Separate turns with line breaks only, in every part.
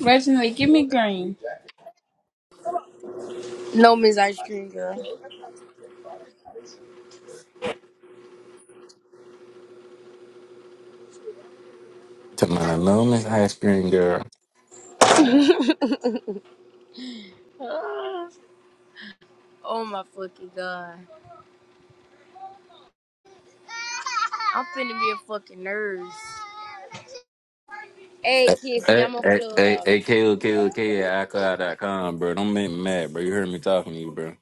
Reginald, give me green.
No, Miss Ice Cream Girl.
Talking about a lonely ice cream girl.
oh my fucking god. I'm finna be a fucking nurse. Hey,
Hey,
Kissy, I'm a
hey, hey,
clubhouse.
hey, K-O-K-O-K at iCloud dot com, bro. Don't make me mad, bro. You heard me talking to you, bro.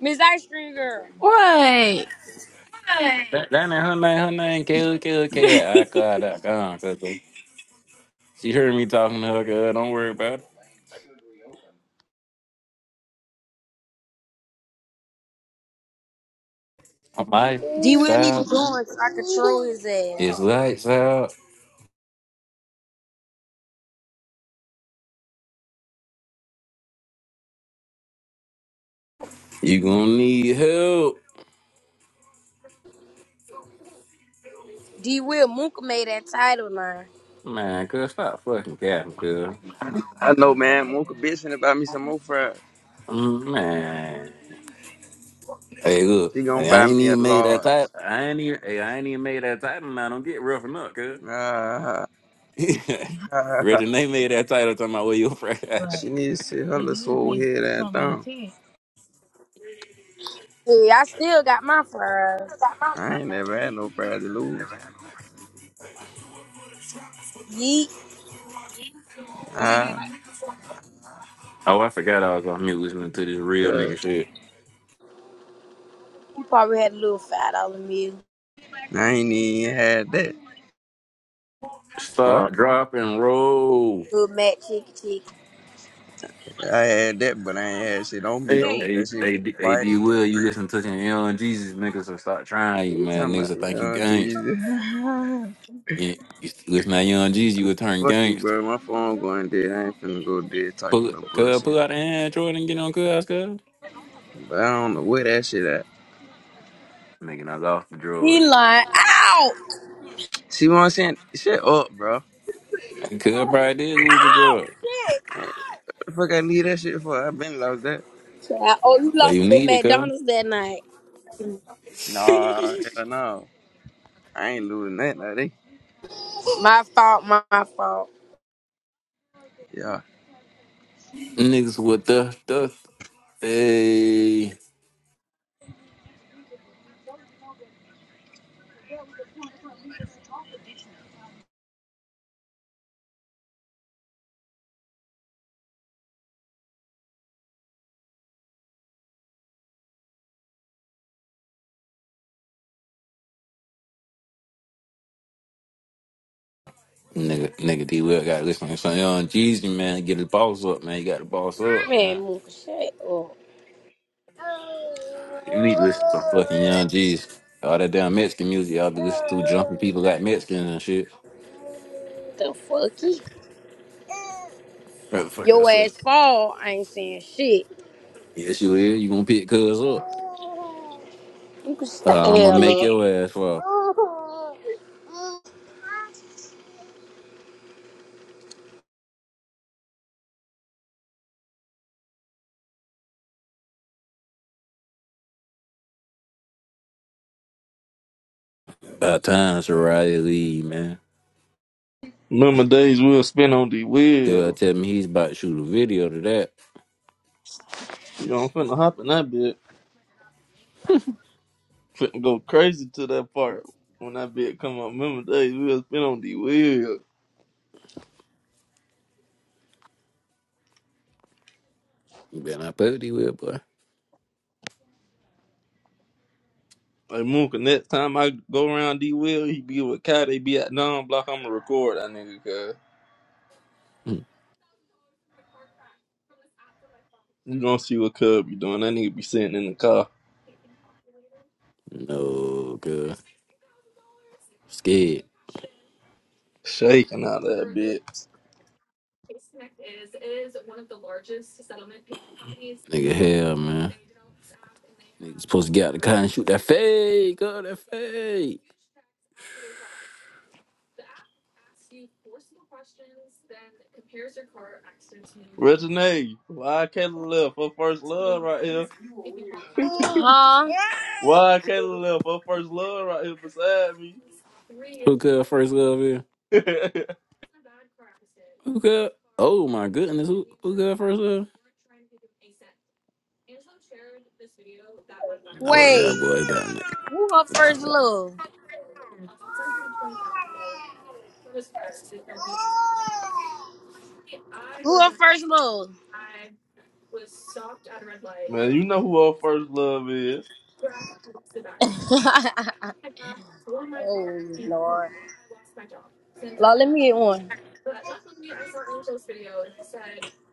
Miss Ice Cream Girl.
What?
That, that ain't her name, her name, K-O-K-O-K at iCloud dot com. Cause she heard me talking to her, girl. Don't worry about it. My
D Will need to
style
join so I control his
is
ass.
lights out. You gonna need help.
D Will Moonka made that title now.
Man, cuz, stop fucking capping, cuz.
I know, man. Mocha bitch finna buy me some more fries.
Mm, Man. Hey, look.
She gonna
Hey, I
buy
ain't
me a
even made that
large.
title. I ain't even, hey, I ain't even made that title now. Don't get roughing up, cuz.
Ah,
Reggie, they made that title talking about where your fries.
she needs to sit her little swole head and thumb.
See, I still got my fries.
I ain't never had no fries to lose.
Yeet.
Ah,
Oh, I forgot I was on mute listening to this real
God.
nigga shit.
He probably had a little five dollar meal.
I ain't even had that.
Stop,
Fuck.
drop, and roll.
Little Mac chicky chick.
I had that, but I ain't had shit on me,
Hey,
though.
hey,
That shit
hey,
was
D- hey,
bite.
D Will, you listen to some Young Jesus niggas, so stop trying,
What
you
you
man.
talking
Niggas
about?
will
yeah,
think you
Oh,
gangster.
Jesus.
Yeah, you listen to Young Jesus, you will turn
Fuck you,
gangster.
bro. My phone going dead. I ain't finna go dead
Pull,
talking no
cuz,
bullshit.
pull out the Android and get on cuz, cuz.
But I don't know where that shit at.
Nigga, I was the drug.
He lying. Ow!
See what I'm saying? Shut up, bro.
Cuz probably did lose the
Ow!
drug,
Shit!
The fuck I leave that shit for? I been lost that.
Child, Oh, you
but
lost
you
it at
need it, cuz.
McDonald's that night.
Nah, hell no. I ain't losing that, no, they.
My fault, my, fault.
Yeah.
Niggas with the, the, hey. Nigga, nigga D Will got to listen to some Young Jeezy, man. Get his balls up, man. You got the balls up,
Man,
man.
Mooka, shut up.
You need to listen to fucking Young Jeezy. All that damn Mexican music y'all be listening to, jumping people like Mexicans and shit.
The fucky?
What the fuck
Your
that's up?
ass fall, I ain't saying shit.
Yes, you is. You gonna pick cuz up.
You can shut
Uh,
the
I'm gonna make
hell up.
your ass fall. About time Soraya leave, man.
Remember days we'll spend on the
Girl
wheel.
tell me he's about to shoot a video to that.
You know, I'm finna hop in that bit. Finna go crazy to that part when that bit come up. Remember days we'll spend on the wheel.
You better not play with D Will, boy.
Like Mook, next time I go around D Will, he be with Kai, they be at non block, I'ma record that nigga cuz. You gonna see what Cub be doing. That nigga be sitting in the car,
no, girl. Scared.
shaking out that bit.
Nigga, hell, man. Nigga supposed to get out the car and shoot that fake. Oh, that fake.
Regine, why Kayla left her first love right here?
Huh?
Why Kayla left her first love right here beside
Who could first love here?
me?
Who could? Oh my goodness, who who could first love? Oh yeah,
Wait.
boy, down there.
Who her first love? Who up first move?
Man, you know who our first love is.
oh Lord. Lord, let me get one.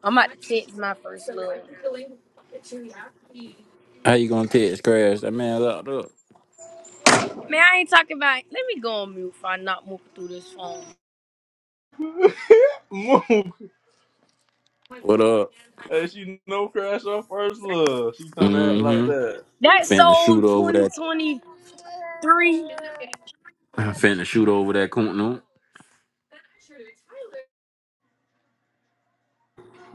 I'm about to text my first love.
How you gonna text crash? That man locked up.
Man, I ain't talking about let me go on mute if I not moving through this phone.
Mook.
What up?
hey, she no crash her first love. She trying to act like
Mm-hmm.
that.
That's
Finna
so
shoot over that.
2023.
Finna shoot over that coon.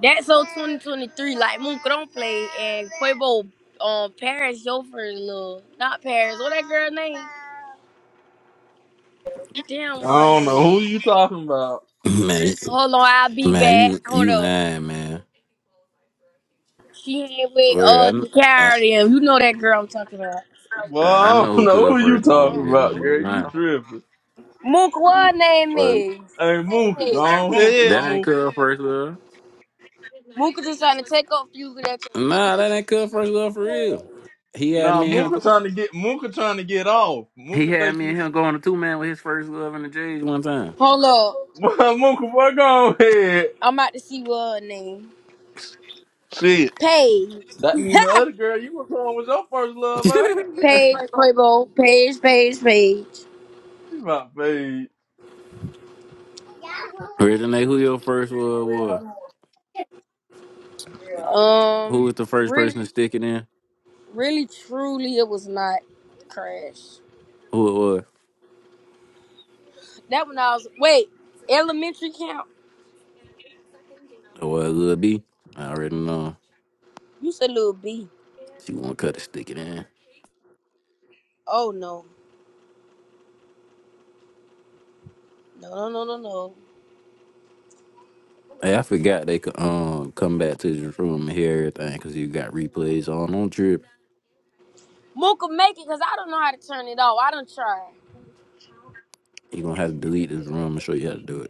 That's so 2023. Like Moonka don't play and Quavo um Paris your first love. Not Paris. What that girl name? Damn
I
what
don't know
name.
who you talking about.
Man, you-
Hold on, I'll be
man,
back.
you
Hold
you
up.
lying, man.
She ain't with
Word, I,
uh the
kn-
and You know that girl I'm talking about.
Well,
I, I
I
know
don't
who
know who
Cub
you
first
talking
love is, man.
about,
You
girl. You
lying.
tripping.
Mook what name
Word.
is?
Hey, Mooka, go on ahead,
That ain't
Mooka.
Cub first love.
Mook is just trying to take up few that.
Nah, that ain't Cub first love for real. He had
Nah,
me and him.
Mooka
Go,
trying to get Mooka trying to get off.
he
Mooka
had
think
me
you
and him going to two man with his first love in the J's one time.
Hold up.
well, Mooka, boy, go on ahead.
I'm about to see what her name.
Shit.
Paige.
That mean the other girl you was on was your first love, ain't it?
Paige Playboy. Paige, Paige, Paige.
She my babe.
Originate who your first love was. Who
Um
was the first
really
person to stick it in?
really truly it was not crash.
Who it was?
That one I was wait, elementary count?
It was Lil B. I already know.
You said little B.
She won't cut it, stick it in.
Oh no. No no no no no.
Hey, I forgot they could um come back to this room and hear everything because you got replays on. Don't trip.
Mook will make it because I don't know how to turn it off. I don't try.
you gonna have to delete this room and show you how to do it.